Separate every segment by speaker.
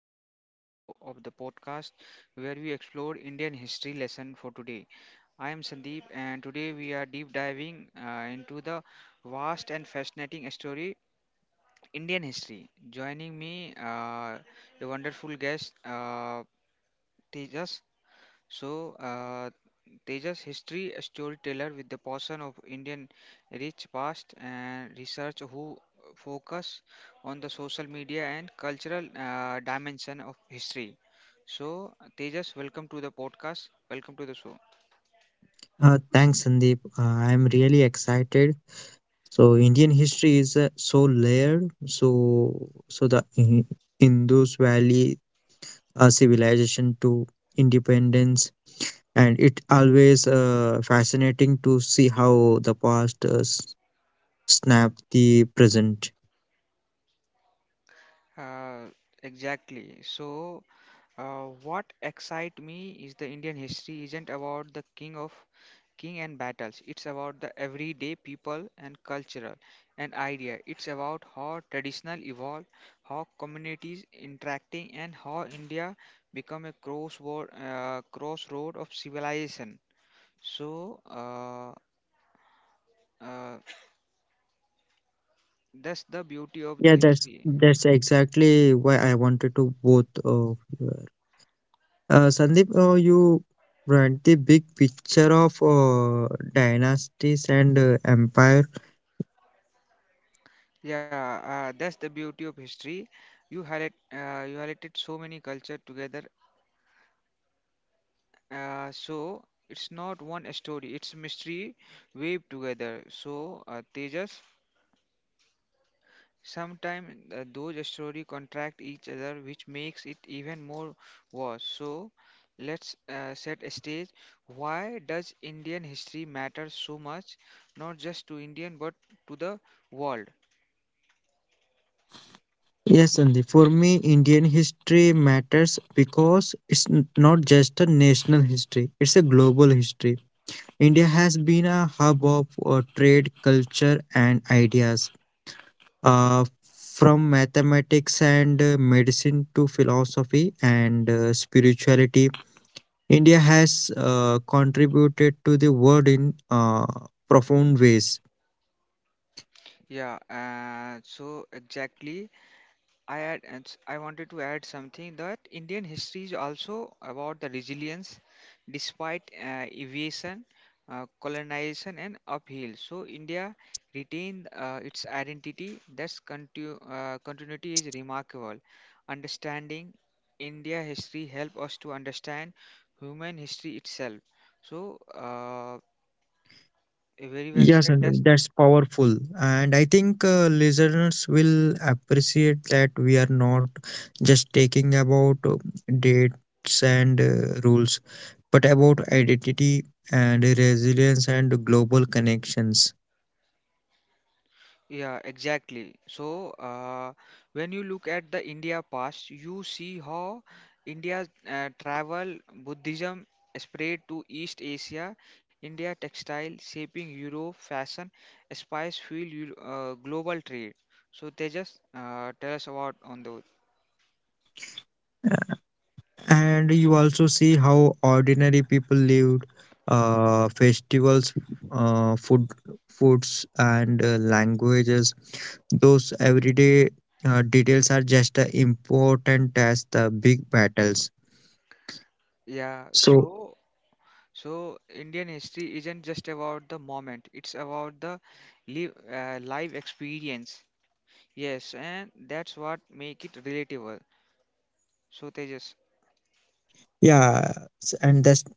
Speaker 1: Welcome to Eco of the podcast, where we explore Indian history lesson for today. I am Sandeep, and today we are deep diving into the vast and fascinating story Indian history. Joining me, a wonderful guest, Tejas. So, uh, Tejas, history a storyteller with the portion of Indian rich past and research who focus on the social media and cultural dimension of history. So, Tejas, welcome to the podcast. Welcome to the show.
Speaker 2: Thanks, Sandeep. I'm really excited. So Indian history is so layered. Indus Valley civilization to independence, and it always fascinating to see how the past snapped the present.
Speaker 1: Uh, exactly. So, what excite me is the Indian history isn't about the king of King and Battles. It's about the everyday people and cultural and idea. It's about how traditional evolve, how communities interacting, and how India become a crossroad, crossroad of civilization. So uh, that's the beauty of the
Speaker 2: Yeah, that's
Speaker 1: history.
Speaker 2: that's exactly why I wanted to both of you. Sandeep, you brought the big picture of dynasties and empire.
Speaker 1: Yeah, that's the beauty of history. You highlighted so many culture together. So it's not one story; it's mystery weaved together. So, Tejas, sometimes those story contract each other, which makes it even more vast. So let's set a stage. Why does Indian history matter so much? Not just to Indian, but to the world.
Speaker 2: Yes, Sandeep. For me, Indian history matters because it's not just a national history, it's a global history. India has been a hub of trade, culture, and ideas. Uh, from mathematics and medicine to philosophy and spirituality, India has contributed to the world in profound ways.
Speaker 1: Yeah. So exactly. I wanted to add something that Indian history is also about the resilience despite evasion, colonization, and upheaval. So India retained its identity. That's continuity is remarkable. Understanding India history help us to understand human history itself. So uh, very well said.
Speaker 2: Yes,
Speaker 1: That's
Speaker 2: and that's powerful. And I think listeners will appreciate that we are not just talking about dates and rules, but about identity and resilience and global connections.
Speaker 1: Yeah, exactly. So, when you look at the India past, you see how India's travel, Buddhism spread to East Asia, India textile shaping Europe, fashion, spice fuel global trade. So, they just tell us about on those.
Speaker 2: Uh, And you also see how ordinary people lived, festivals, uh, food, foods, and languages. Those everyday details are just as important as the big battles.
Speaker 1: Yeah,
Speaker 2: So
Speaker 1: so Indian history isn't just about the moment; it's about the live life experience. Yes, and that's what make it relatable. So Tejas,
Speaker 2: yeah, and that's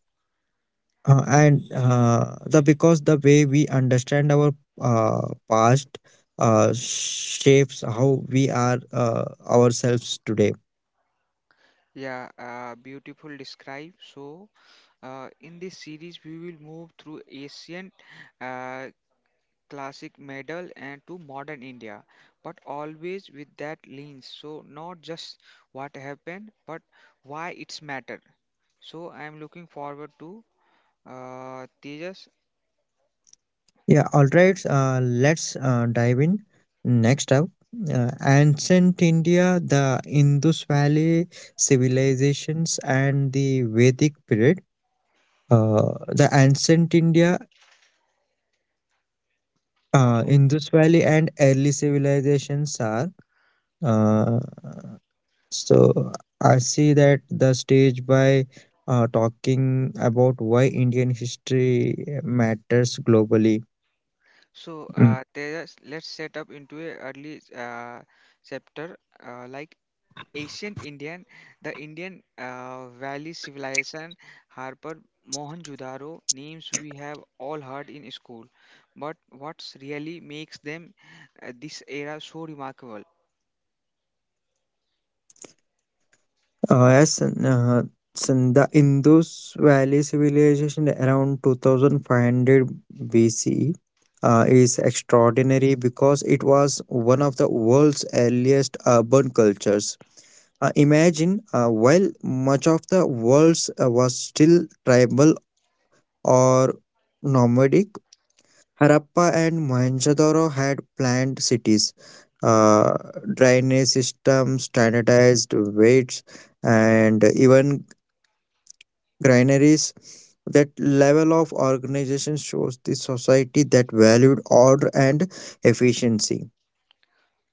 Speaker 2: and the because the way we understand our past shapes how we are ourselves today.
Speaker 1: yeah, beautiful describe. So, in this series, we will move through ancient uh, classic medal and to modern India, but always with that lens. So not just what happened, but why it's matter. So I am looking forward to Tejas.
Speaker 2: Yeah, all right. Let's dive in. Next up, ancient India, the Indus Valley civilizations, and the Vedic period. The ancient India,
Speaker 1: Uh,
Speaker 2: Indus Valley, and early civilizations are. Uh, so I see that the stage by talking about why Indian history matters globally.
Speaker 1: so
Speaker 2: Mm.
Speaker 1: uh, Tejas, let's set up into a early chapter like Ancient Indian, the Indian Valley civilization harbored Mohenjo-daro, names we have all heard in school. But what really makes them this era so remarkable?
Speaker 2: Yes, in the Indus Valley civilization around 2500 BCE is extraordinary because it was one of the world's earliest urban cultures. Imagine while much of the world was still tribal or nomadic, Harappa and Mohenjo-daro had planned cities, uh, drainage systems, standardized weights, and even granaries. That level of organization shows the society that valued order and efficiency.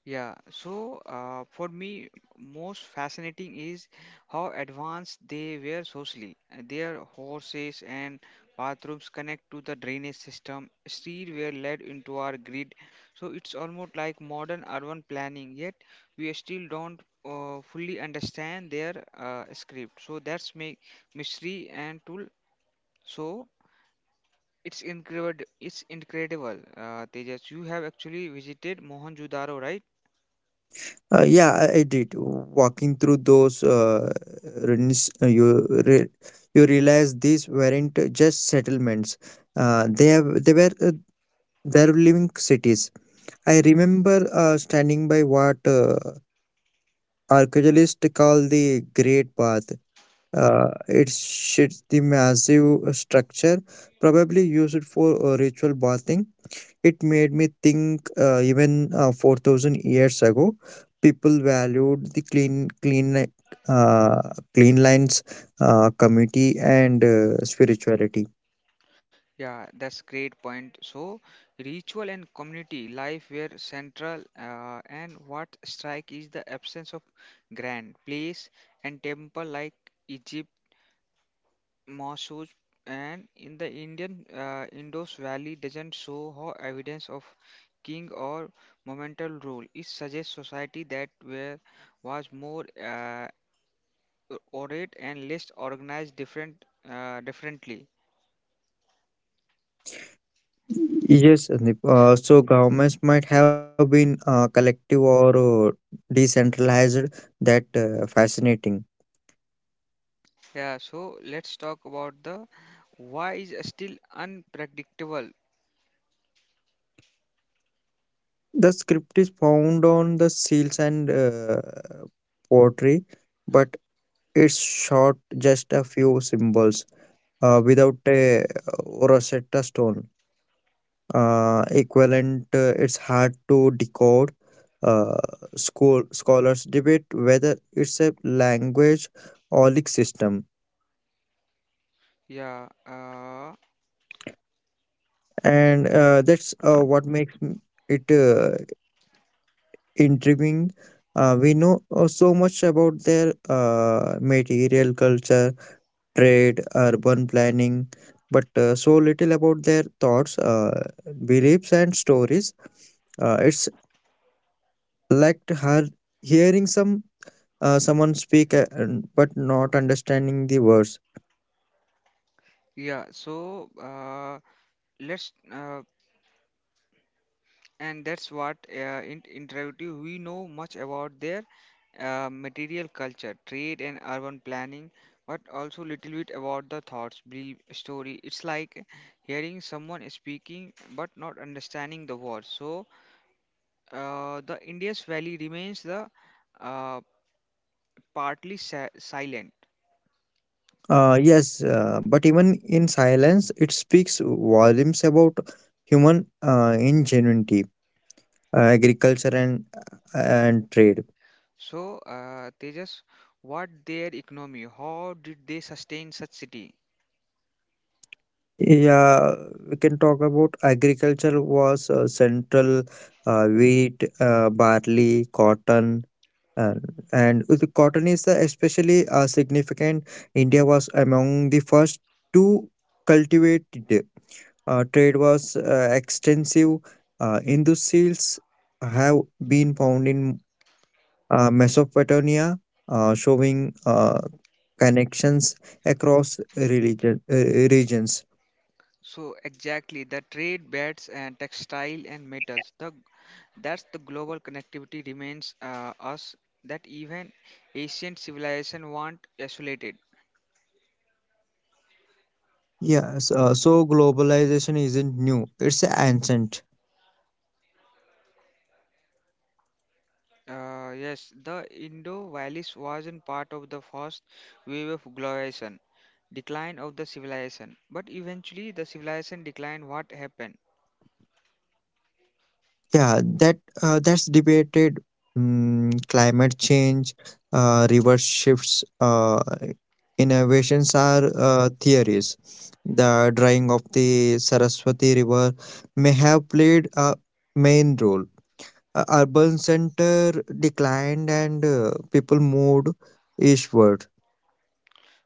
Speaker 1: Yeah, so for me, most fascinating is how advanced they were socially. Their horses and bathrooms connect to the drainage system. Streets were led into our grid, so it's almost like modern urban planning. Yet we still don't fully understand their script. So that's make mystery and tool. So it's incredible. It's incredible. Tejas, you have actually visited Mohenjo-daro, right?
Speaker 2: Yeah, I did. Walking through those ruins, you realize these weren't just settlements. They were they living cities. I remember standing by what archaeologists call the Great Bath. It's shits the massive structure, probably used for ritual bathing. It made me think even 4,000 years ago, people valued the uh, clean lines, community, and spirituality.
Speaker 1: Yeah, that's great point. So, ritual and community life were central, and what strike is the absence of grand place and temple like Egypt, mosques, and in the Indian Indus Valley doesn't show how evidence of king or monumental rule. It suggests society that were was more uh, orate and less organized differently.
Speaker 2: Yes, Sandeep. So governments might have been collective or decentralized. That fascinating.
Speaker 1: Yeah, so let's talk about the why is still unpredictable.
Speaker 2: The script is found on the seals and pottery, but it's short just a few symbols without a Rosetta Stone. Equivalent, it's hard to decode. Uh, school scholars debate whether it's a language or like system,
Speaker 1: Yeah,
Speaker 2: and that's what makes it intriguing. We know so much about their material culture, trade, urban planning, but so little about their thoughts, beliefs, and stories. It's like her hearing someone speak but not understanding the words.
Speaker 1: yeah. So let's and that's what in interactive we know much about their material culture, trade, and urban planning, but also little bit about the thoughts, belief, story. It's like hearing someone speaking but not understanding the words. So the Indus Valley remains the uh, partly silent.
Speaker 2: Yes, but even in silence, it speaks volumes about human ingenuity, agriculture, and trade.
Speaker 1: So, Tejas, what their economy? How did they sustain such city?
Speaker 2: Yeah, we can talk about agriculture was central, wheat, barley, cotton, uh, and the cotton is the especially significant. India was among the first to cultivate it. Trade was extensive. Indus seals have been found in Mesopotamia, showing connections across religion, regions.
Speaker 1: So exactly, the trade beds and textile and metals. The that's the global connectivity remains us that even ancient civilization weren't isolated.
Speaker 2: Yes, so globalization isn't new; it's ancient.
Speaker 1: Yes, the Indo Valleys wasn't part of the first wave of globalization, decline of the civilization. But eventually, the civilization decline. What happened?
Speaker 2: Yeah, that's debated. Mm, climate change, reverse shifts, innovations are theories. The drying of the Saraswati River may have played a main role. Urban center declined and people moved eastward.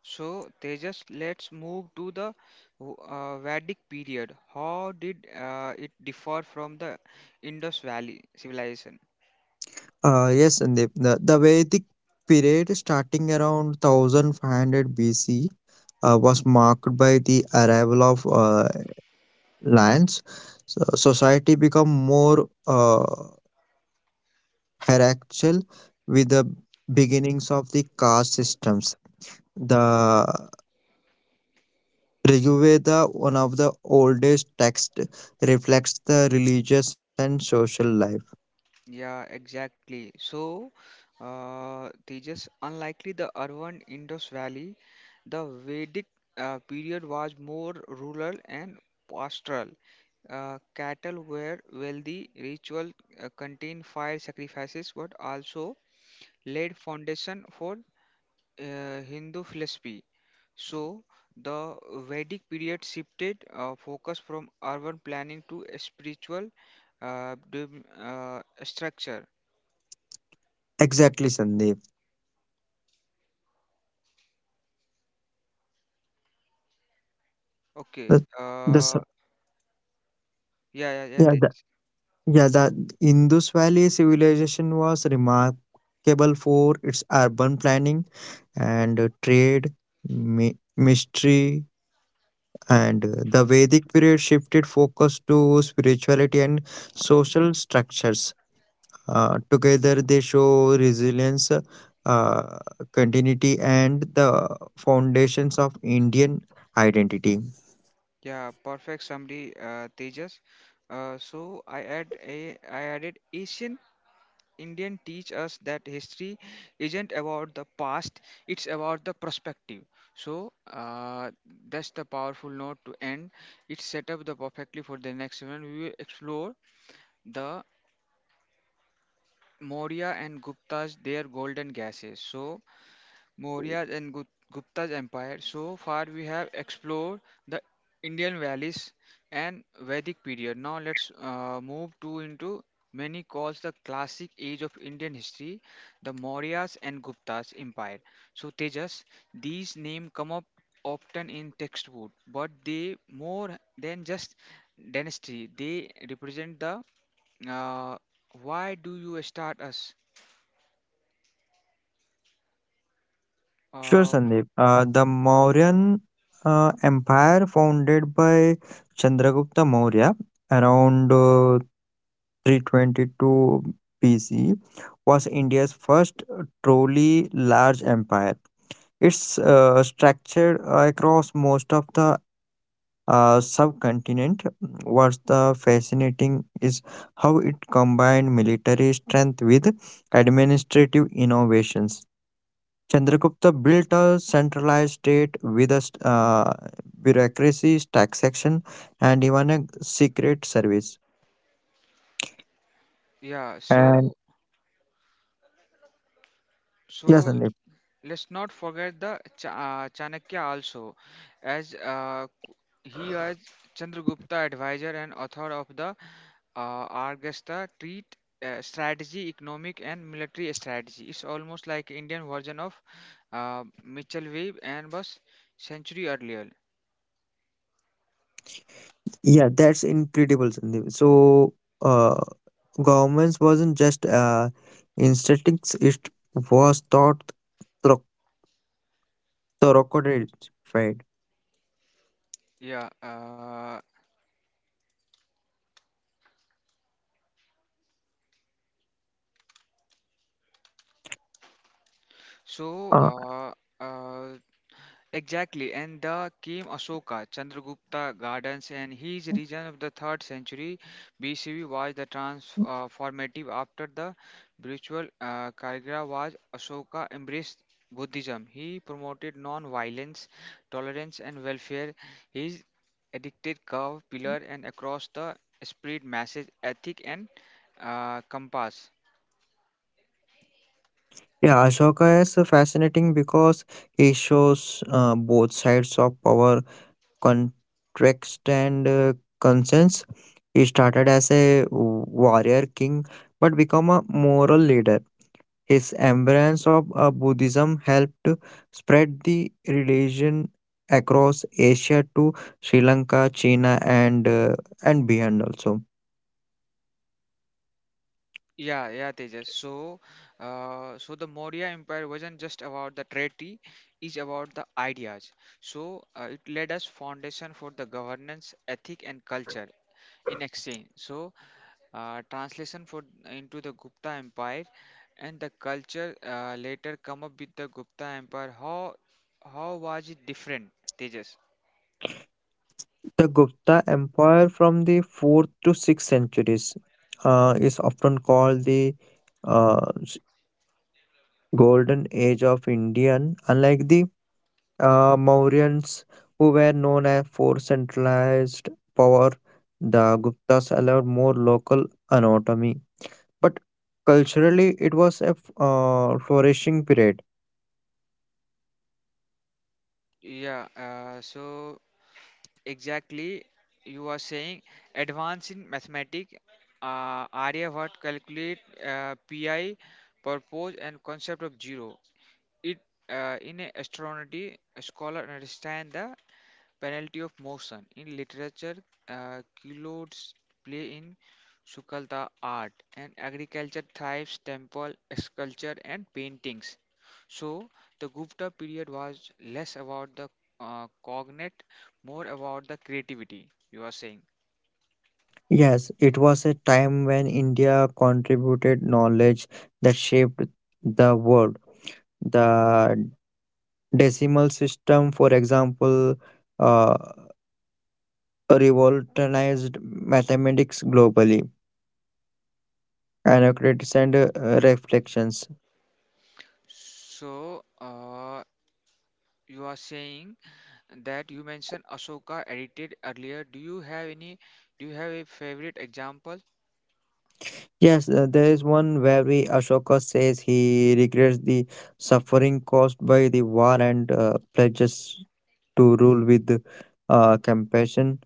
Speaker 1: So Tejas, let's move to the Vedic period. How did it differ from the Indus Valley civilization?
Speaker 2: Yes, Sandeep. The Vedic period starting around 1500 BC was marked by the arrival of lands. So society became more hierarchical with the beginnings of the caste systems. The Rigveda, one of the oldest texts, reflects the religious and social life.
Speaker 1: Yeah, exactly. So, Tejas, unlikely the urban Indus Valley, the Vedic period was more rural and pastoral. Cattle were wealthy. Ritual contained fire sacrifices, but also laid foundation for Hindu philosophy. So, the Vedic period shifted focus from urban planning to a spiritual structure.
Speaker 2: Exactly, Sandeep.
Speaker 1: Okay.
Speaker 2: The, the, s-
Speaker 1: Yeah, yeah, yeah.
Speaker 2: yeah,
Speaker 1: Tej.
Speaker 2: Yeah, the Indus Valley civilization was remarkable for its urban planning and trade, mystery, and the Vedic period shifted focus to spirituality and social structures. Together, they show resilience, uh, continuity, and the foundations of Indian identity.
Speaker 1: Yeah, perfect summary, Tejas. I added Asian Indian teach us that history isn't about the past; it's about the perspective. So, that's the powerful note to end. It's set up the perfectly for the next one. We will explore the Maurya and Gupta's their golden gases. So Maurya's and Gup- Gupta's empire. So far we have explored the Indian valleys and Vedic period. Now let's move to into many calls the classic age of Indian history, the Maurya's and Gupta's empire. So Tejas, these names come up often in textbook, but they more than just dynasty. They represent the uh, why do you start us?
Speaker 2: Sure,
Speaker 1: Uh,
Speaker 2: Sandeep. The Mauryan Empire, founded by Chandragupta Maurya around 322 BC, was India's first truly large empire. It's structured across most of the subcontinent. What's the fascinating is how it combined military strength with administrative innovations. Chandragupta built a centralized state with a bureaucracy, taxation, and even a secret service.
Speaker 1: yeah,
Speaker 2: And
Speaker 1: so
Speaker 2: yes,
Speaker 1: so
Speaker 2: Sandeep.
Speaker 1: let's not forget the Chanakya also, as uh, c- he was Chandragupta advisor and author of the Argasta treat strategy, economic and military strategy. It's almost like Indian version of Mitchell Wave and was century earlier.
Speaker 2: Yeah, that's incredible, Sandeep. So, uh, governments wasn't just instincts; it was thought thro- thoroughly.
Speaker 1: Yeah. Uh, so.
Speaker 2: uh,
Speaker 1: Uh, uh, Exactly, and the came Ashoka, Chandragupta Gardens, and his region of the 3rd century BCE was the transformative after the spiritual Kagera was Ashoka embraced Buddhism. He promoted non-violence, tolerance, and welfare. His addicted curve pillar and across the spread message ethic and compass.
Speaker 2: yeah, Ashoka is fascinating because he shows both sides of power, context and conscience. He started as a warrior king but became a moral leader. His embrace of Buddhism helped spread the religion across Asia to Sri Lanka, China, and beyond also.
Speaker 1: Yeah, yeah, Tejas. So, the Maurya Empire wasn't just about the treaty; it's about the ideas. So, it laid us foundation for the governance, ethic, and culture in exchange. So, translation for into the Gupta Empire, and the culture later come up with the Gupta Empire. How was it different, Tejas?
Speaker 2: The Gupta Empire from the 4th to 6th centuries is often called the uh, s- golden age of Indian. Unlike the Mauryans, who were known as for centralized power, the Guptas allowed more local autonomy. But culturally, it was a flourishing period.
Speaker 1: Yeah. Uh, so. Exactly you are saying advance in mathematics aryabhatt calculate pi purpose and concept of zero it in a astronomy a scholar understand the penalty of motion. In literature, kilodes play in Sukalta art and agriculture thrives temple sculpture and paintings. So the Gupta period was less about the cognate, more about the creativity. You are saying.
Speaker 2: Yes, it was a time when India contributed knowledge that shaped the world. The decimal system, for example, uh, revolutionized mathematics globally. Anacretes and reflections.
Speaker 1: So, you are saying that you mentioned Ashoka edited earlier. Do you have any? Do you have a favorite example?
Speaker 2: Yes, there is one where we Ashoka says he regrets the suffering caused by the war and pledges to rule with compassion.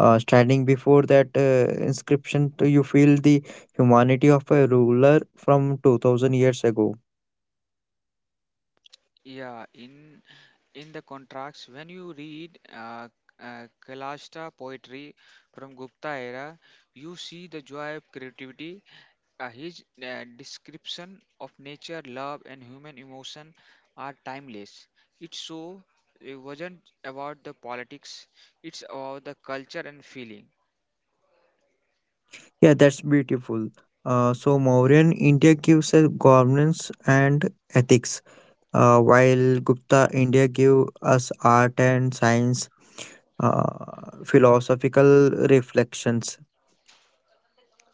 Speaker 2: Standing before that inscription, to you feel the humanity of a ruler from 2000 years ago.
Speaker 1: Yeah, in the contracts when you read kalashta poetry from gupta era you see the joy of creativity his description of nature love and human emotion are timeless it so it wasn't about the politics it's about the culture and feeling.
Speaker 2: Yeah, that's beautiful. Mauryan India gives us governance and ethics, while Gupta India gave us art and science, philosophical reflections.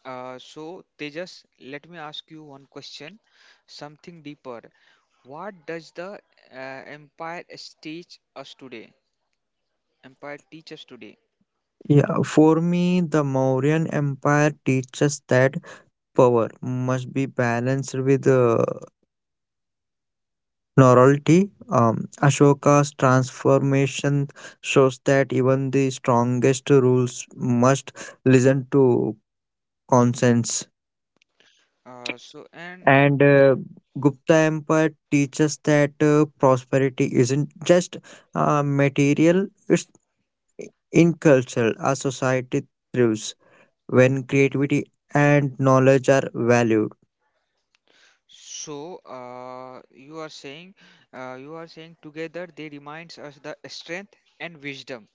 Speaker 1: Tejas let me ask you one question something deeper what does the empire teach us today empire teach us today.
Speaker 2: Yeah, for me, the Mauryan Empire teaches that power must be balanced with novelty. Ashoka's transformation shows that even the strongest rules must listen to conscience.
Speaker 1: So and
Speaker 2: And Gupta Empire teaches that prosperity isn't just material, it's in culture. A society thrives when creativity and knowledge are valued.
Speaker 1: so you are saying together they reminds us the strength and wisdom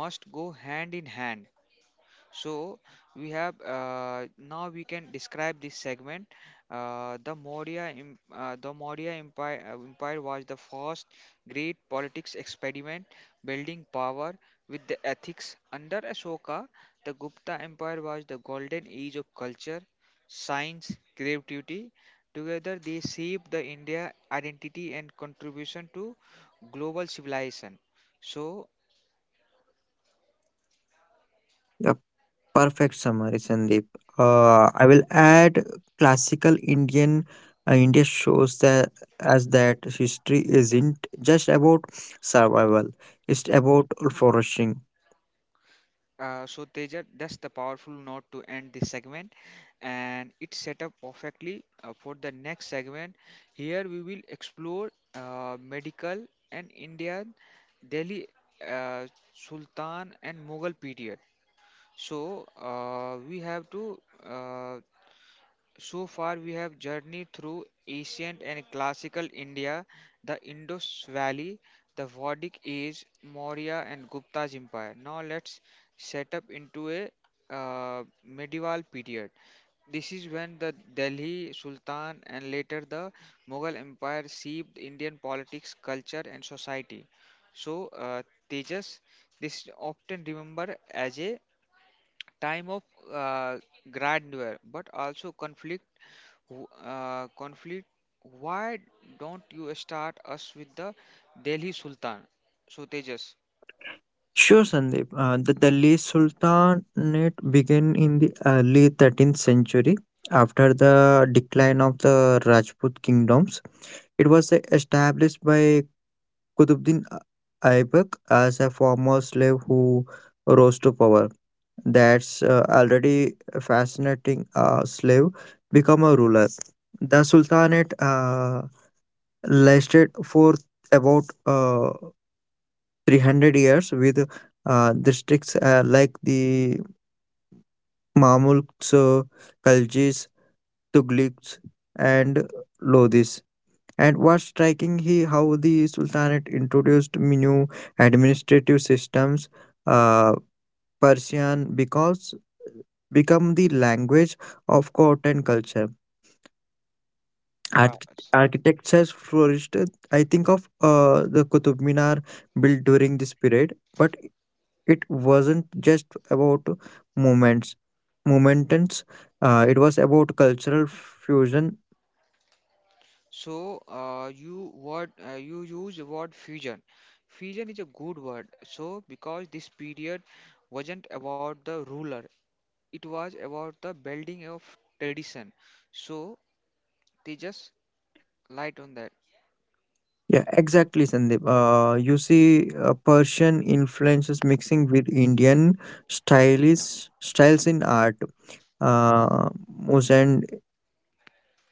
Speaker 1: must go hand in hand. So we have now we can describe this segment. The Maurya Empire, Empire was the first great politics experiment, building power with the ethics. Under Ashoka, the Gupta Empire was the golden age of culture, science, creativity. Together, they shaped the India identity and contribution to global civilization. So
Speaker 2: A perfect summary, Sandeep. I will add classical Indian. India shows that as that history isn't just about survival; it's about flourishing.
Speaker 1: So, Teja, that's the powerful note to end this segment, and it's set up perfectly for the next segment. Here we will explore medical and Indian Delhi uh, Sultan and Mughal period. So uh, we have to uh, so far, we have journeyed through ancient and classical India, the Indus Valley, the Vedic Age, Maurya and Gupta's empire. Now let's set up into a medieval period. This is when the Delhi Sultan and later the Mughal Empire shaped Indian politics, culture, and society. So, Tejas, this is often remembered as a time of uh, grandeur but also conflict. Conflict why don't you start us with the delhi sultan so tejas.
Speaker 2: Sure, Sandeep. The Delhi Sultanate began in the early 13th century. After the decline of the Rajput kingdoms, it was established by Qutbuddin Aibak as a former slave who rose to power. That's already fascinating. A slave become a ruler. The Sultanate lasted for about 300 years with districts like the Mamluks, Khaljis, Tughliks, and Lodhis. And what's striking here how the Sultanate introduced new administrative systems. Uh, Persian because become the language of court and culture.
Speaker 1: uh,
Speaker 2: Arch-
Speaker 1: s-
Speaker 2: Architecture flourished. I think of the Qutub Minar built during this period, but it wasn't just about moments momentants, it was about cultural fusion.
Speaker 1: so you use the word fusion fusion is a good word so because this period wasn't about the ruler it was about the building of tradition so tejas light on that.
Speaker 2: Yeah, exactly, Sandeep. You see Persian influences mixing with Indian styles styles in art, uh, Mosand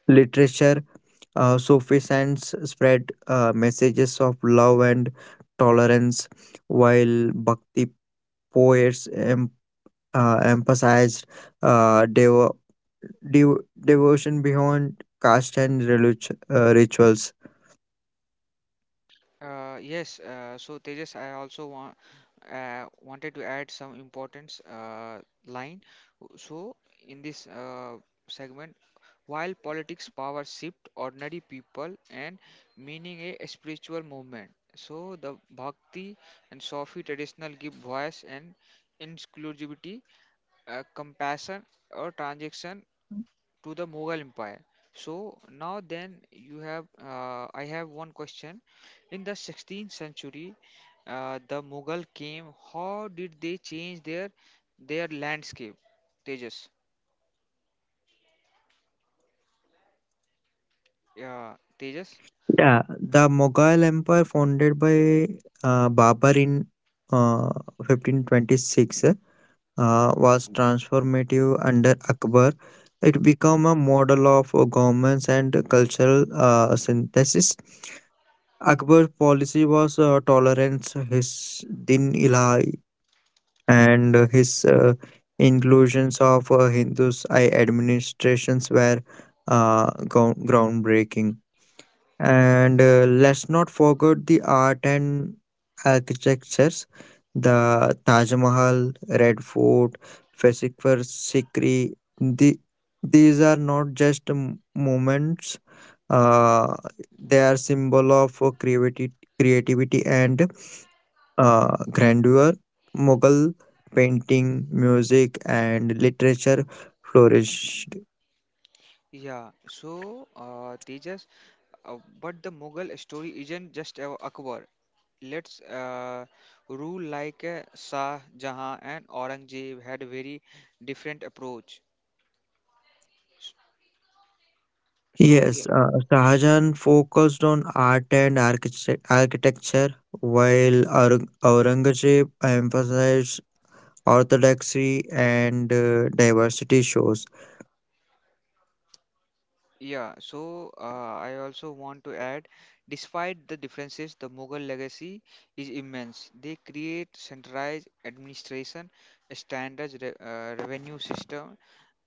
Speaker 2: literature. Sufi saints spread messages of love and tolerance, while bhakti poets emphasized uh, devo- devotion beyond caste and rituals.
Speaker 1: Yes, so Tejas, I also want wanted to add some importance line. So in this segment, while politics power shift ordinary people and meaning a spiritual movement. So the Bhakti and Sufi traditional give voice and inclusivity, compassion or transaction to the Mughal Empire. So now then you have I have one question. In the 16th century, the Mughal came. How did they change their landscape? Tejas. Yeah, Tejas.
Speaker 2: Yeah, the Mughal Empire founded by Babur in uh, 1526 was transformative under Akbar. It became a model of governance and cultural synthesis. Akbar's policy was tolerance, his din ilahi and his inclusions of Hindus I administrations were groundbreaking. And let's not forget the art and architectures, the Taj Mahal, Red Fort, Fasikfar Sikri. The, these are not just moments; uh, they are symbol of creativity and grandeur. Mughal painting, music, and literature flourished.
Speaker 1: Yeah. So, Tejas. But the Mughal story isn't just Akbar. Let's rule like Shah Jahan and Aurangzeb had very different approach. So
Speaker 2: Yes, Shahjahan focused on art and architecture, while Aurangzeb emphasized orthodoxy and diversity shows.
Speaker 1: Yeah, so I also want to add, despite the differences, the Mughal legacy is immense. They create centralized administration, a standard revenue system,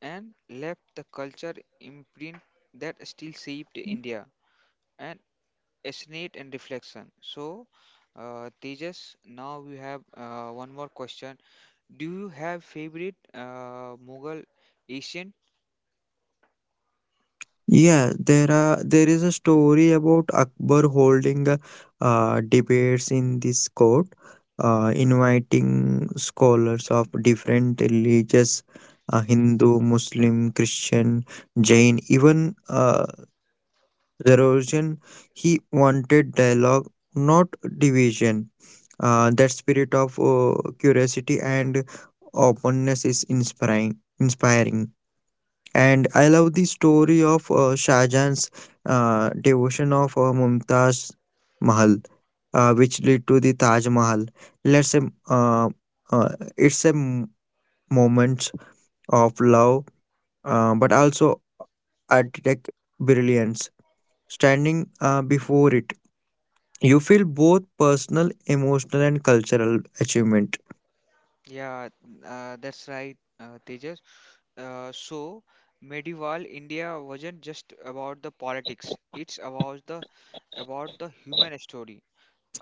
Speaker 1: and left the culture imprint that still shaped India and resonate and reflection. So, Tejas, now we have one more question. Do you have favorite Mughal ancient?
Speaker 2: Yeah, there is a story about Akbar holding debates in this court, inviting scholars of different religions, Hindu, Muslim, Christian, Jain, even Zoroastrian. He wanted dialogue, not division. That spirit of curiosity and openness is inspiring. Inspiring. And I love the story of Shah Jahan's devotion of Mumtaz Mahal, which led to the Taj Mahal. Let's say uh, uh, it's a moment of love, but also architect brilliance. Standing before it, you feel both personal, emotional, and cultural achievement.
Speaker 1: Yeah, that's right, Tejas. So medieval India wasn't just about the politics; it's about the human story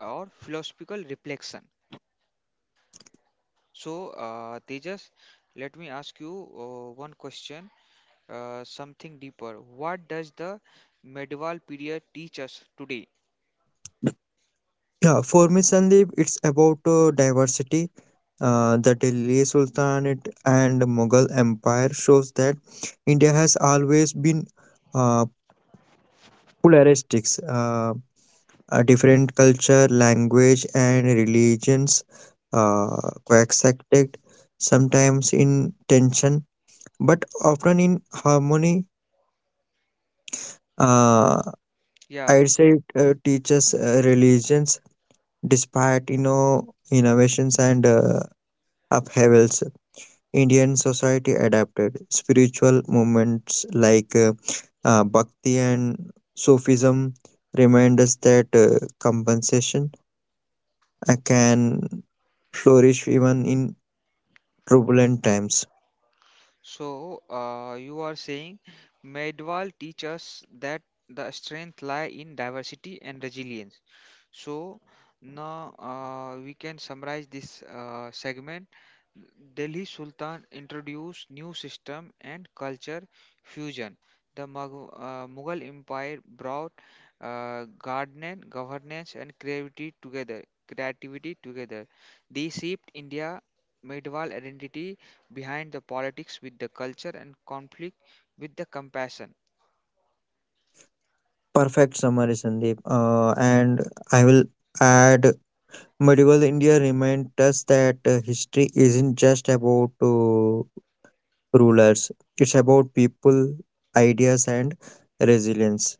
Speaker 1: or philosophical reflection. So Tejas, let me ask you one question, something deeper. What does the medieval period teach us today?
Speaker 2: Yeah, for me, Sandeep, it's about diversity. The Delhi Sultanate and Mughal Empire shows that India has always been uh, polaristic. A different culture, language, and religions coexisted, sometimes in tension, but often in harmony. Uh,
Speaker 1: Yeah.
Speaker 2: I'd say it teaches religions, despite you know innovations and upheavals. Indian society adapted spiritual movements like Bhakti and Sufism remind us that compensation can flourish even in turbulent times.
Speaker 1: So you are saying medieval teaches that the strength lie in diversity and resilience. So now we can summarize this segment. Delhi Sultan introduced new system and culture fusion. The Mughal Empire brought garden, governance, and creativity together. Creativity together. They shaped India medieval identity behind the politics with the culture and conflict with the compassion.
Speaker 2: Perfect summary, Sandeep. And I will add medieval India reminds us that history isn't just about rulers, it's about people, ideas, and resilience.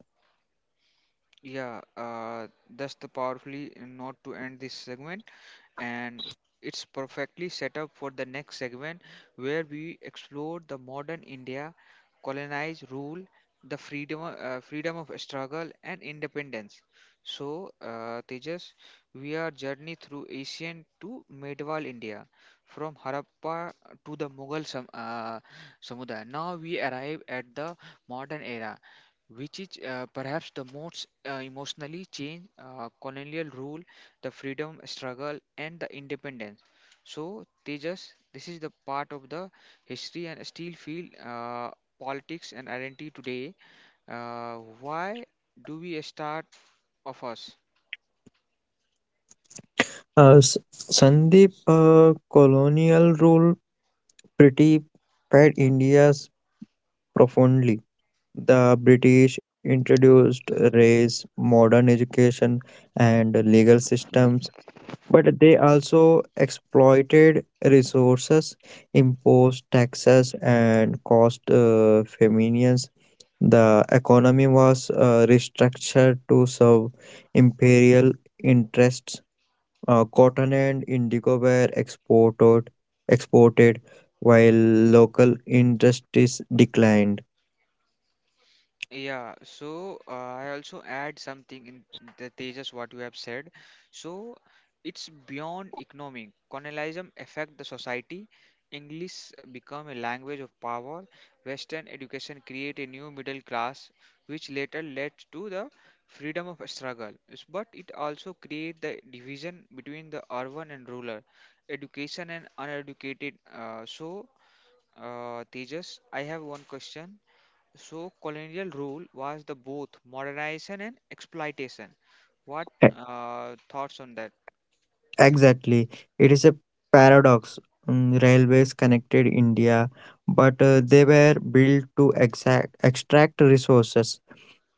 Speaker 1: Yeah, that's the powerfully note to end this segment, and it's perfectly set up for the next segment where we explore the modern India, colonized rule, the freedom of struggle and independence. So, Tejas, we are journey through ancient to medieval India, from Harappa to the Mughal Samudaya. Now we arrive at the modern era which is perhaps the most emotionally change colonial rule, the freedom struggle, and the independence. So, Tejas, this is the part of the history and still feel politics and identity today. Why do we start of us?
Speaker 2: Uh, S- Sandeep, colonial rule pretty fed India's profoundly. The British introduced race, modern education, and legal systems, but they also exploited resources, imposed taxes, and caused famines. The economy was restructured to serve imperial interests. Cotton and indigo were exported while local industries declined.
Speaker 1: Yeah, so I also add something in the Tejas what you have said. So it's beyond economic. Colonialism affect the society. English become a language of power. Western education create a new middle class, which later led to the freedom of struggle. But it also create the division between the urban and rural, education and uneducated. So Tejas, I have one question. So colonial rule was the both modernization and exploitation. What
Speaker 2: E-
Speaker 1: thoughts on that?
Speaker 2: Exactly. It is a paradox. Mm, railways connected India, but they were built to extract resources.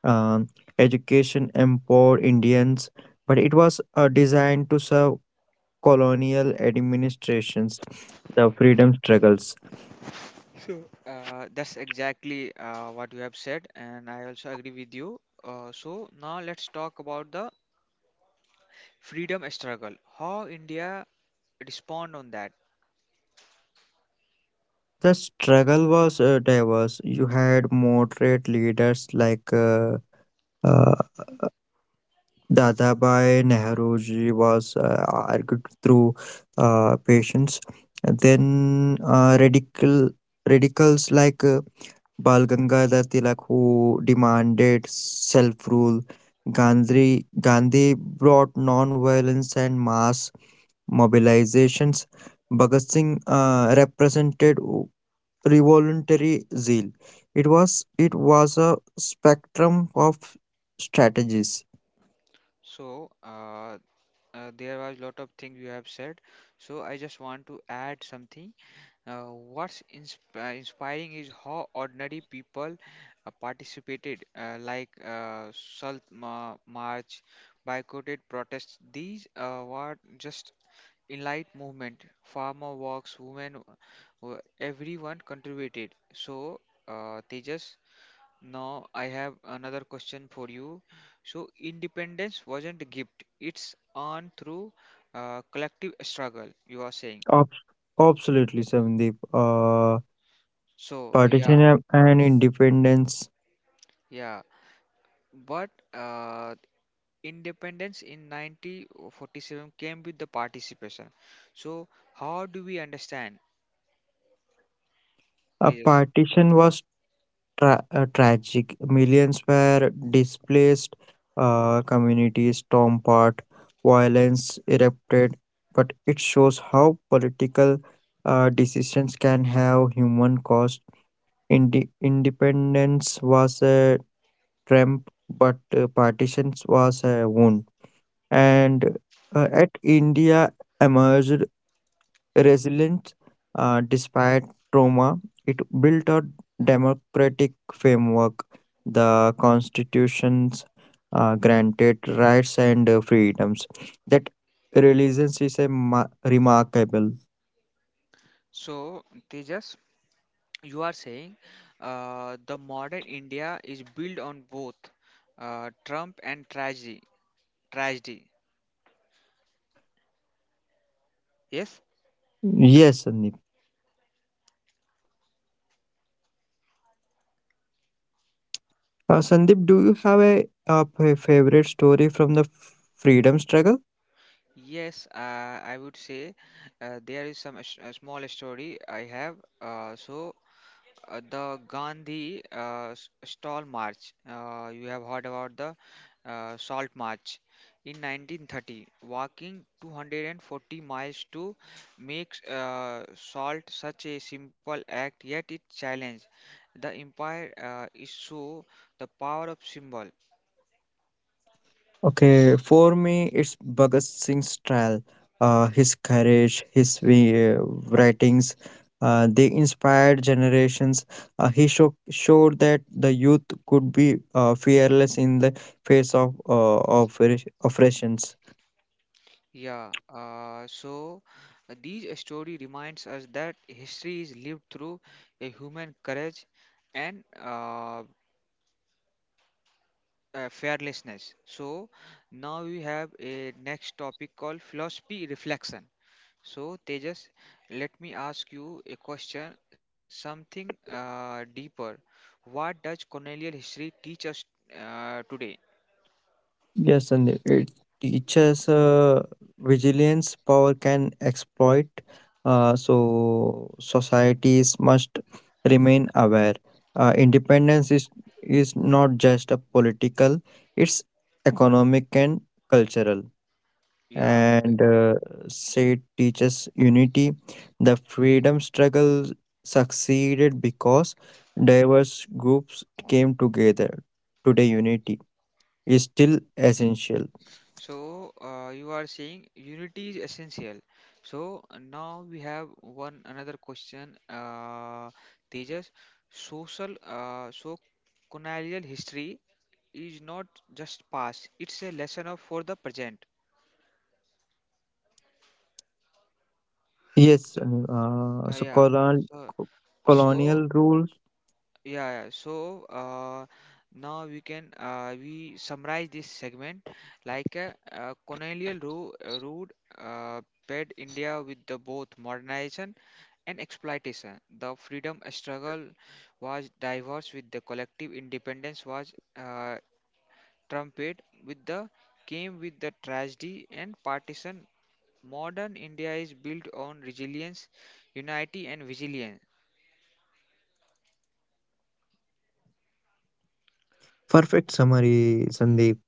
Speaker 2: Um, Education empowered Indians, but it was designed to serve colonial administrations, the freedom struggles.
Speaker 1: So, that's exactly what you have said, and I also agree with you. So now let's talk about the freedom struggle. How India respond on that?
Speaker 2: The struggle was diverse. You had moderate leaders like uh, Dadabhai Nehru ji was argued through patience. And then radicals like Bal Gangadhar Tilak who demanded self-rule. Gandhi brought non-violence and mass mobilizations. Bhagat Singh represented revolutionary zeal. It was a spectrum of strategies.
Speaker 1: So there was lot of things you have said. So I just want to add something. Uh, what's inspiring is how ordinary people participated, like Salt March, boycotted protests. These were just enlight movement. Farmer walks, women, everyone contributed. So, Tejas, now I have another question for you. So, independence wasn't a gift; it's earned through collective struggle. You are saying.
Speaker 2: Ab- Absolutely, Sandeep.
Speaker 1: So, yeah,
Speaker 2: Partition and independence.
Speaker 1: yeah. But independence in 1947 came with the participation. So how do we understand
Speaker 2: A
Speaker 1: Tejas?
Speaker 2: partition was tragic. Millions were displaced. Communities torn apart. Violence erupted. But it shows how political decisions can have human cost. Independence was a tramp, but partitions was a wound. And at India emerged resilience despite trauma. It built a democratic framework. The constitutions granted rights and freedoms. That resilience is a remarkable.
Speaker 1: So Tejas, you are saying the modern India is built on both Trump and tragedy. Tragedy. Yes.
Speaker 2: Yes, Sandeep. Sandeep, do you have a favorite story from the freedom struggle?
Speaker 1: Yes, I would say there is some a small story I have. So the Gandhi Stall March. You have heard about the Salt March. In 1930, walking 240 miles to make salt such a simple act, yet it challenged the empire is so the power of symbol.
Speaker 2: Okay, for me, it's Bhagat Singh style. His courage, his writings, they inspired generations. Showed that the youth could be fearless in the face of oppressions.
Speaker 1: Yeah, so these story reminds us that history is lived through a human courage and fearlessness. So now we have a next topic called philosophy reflection. So Tejas, let me ask you a question, something deeper. What does colonial history teach us today?
Speaker 2: Yes, and it teaches vigilance power can exploit. So societies must remain aware. Independence is not just a political; it's economic and cultural.
Speaker 1: Yeah.
Speaker 2: And say teaches unity. The freedom struggle succeeded because diverse groups came together. Today, unity is still essential.
Speaker 1: So you are saying unity is essential. So now we have one another question, Tejas. Social, so colonial history is not just past, it's a lesson of for the present.
Speaker 2: Yes,
Speaker 1: so
Speaker 2: and,
Speaker 1: uh, yeah so so
Speaker 2: colonial rules.
Speaker 1: yeah, yeah, so now we can we summarize this segment like a, colonial route uh, paired india with the both modernization and exploitation. The freedom struggle was diverse with the collective. Independence was trumpet with the, came with the tragedy and partition. Modern India is built on resilience, unity, and vigilance.
Speaker 2: Perfect summary, Sandeep.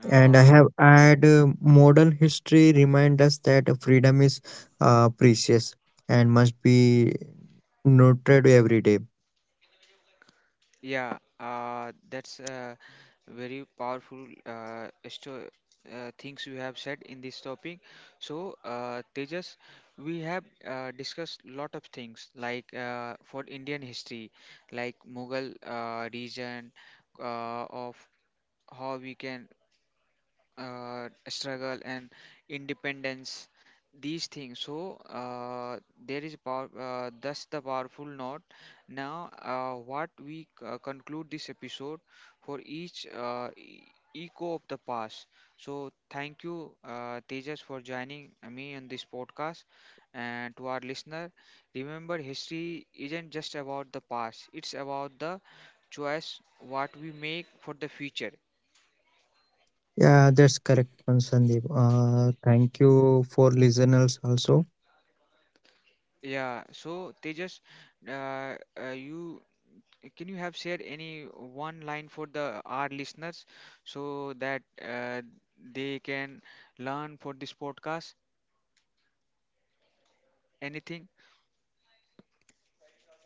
Speaker 1: Uh,
Speaker 2: And I have add modern history remind us that freedom is precious and must be nurtured every day.
Speaker 1: yeah, that's very powerful things you have said in this topic. So, Tejas, we have discussed lot of things like for Indian history, like Mughal region of how we can struggle and independence, these things. So there is power thus the powerful note. Now what we conclude this episode for each echo of the past. So thank you Tejas for joining me in this podcast, and to our listener, remember history isn't just about the past, it's about the choice what we make for the future.
Speaker 2: Yeah, that's correct, one, Sandeep. Thank you for listeners also.
Speaker 1: Yeah, so Tejas, uh, you can, you have shared any one line for the our listeners so that they can learn for this podcast, anything?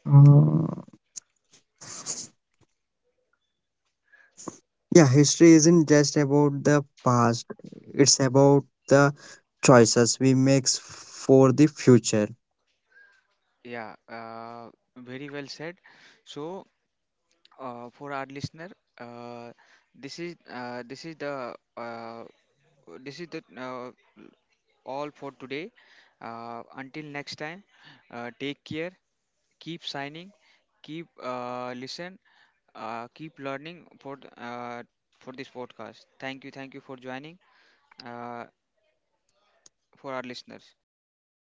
Speaker 2: Uh, yeah, history isn't just about the past; it's about the choices we make for the future.
Speaker 1: Yeah, very well said. So, for our listener, uh, this is uh, this is the uh, this is the all for today. Until next time, take care, keep signing, keep listen, keep learning for for this podcast. Thank you for joining uh, for our listeners.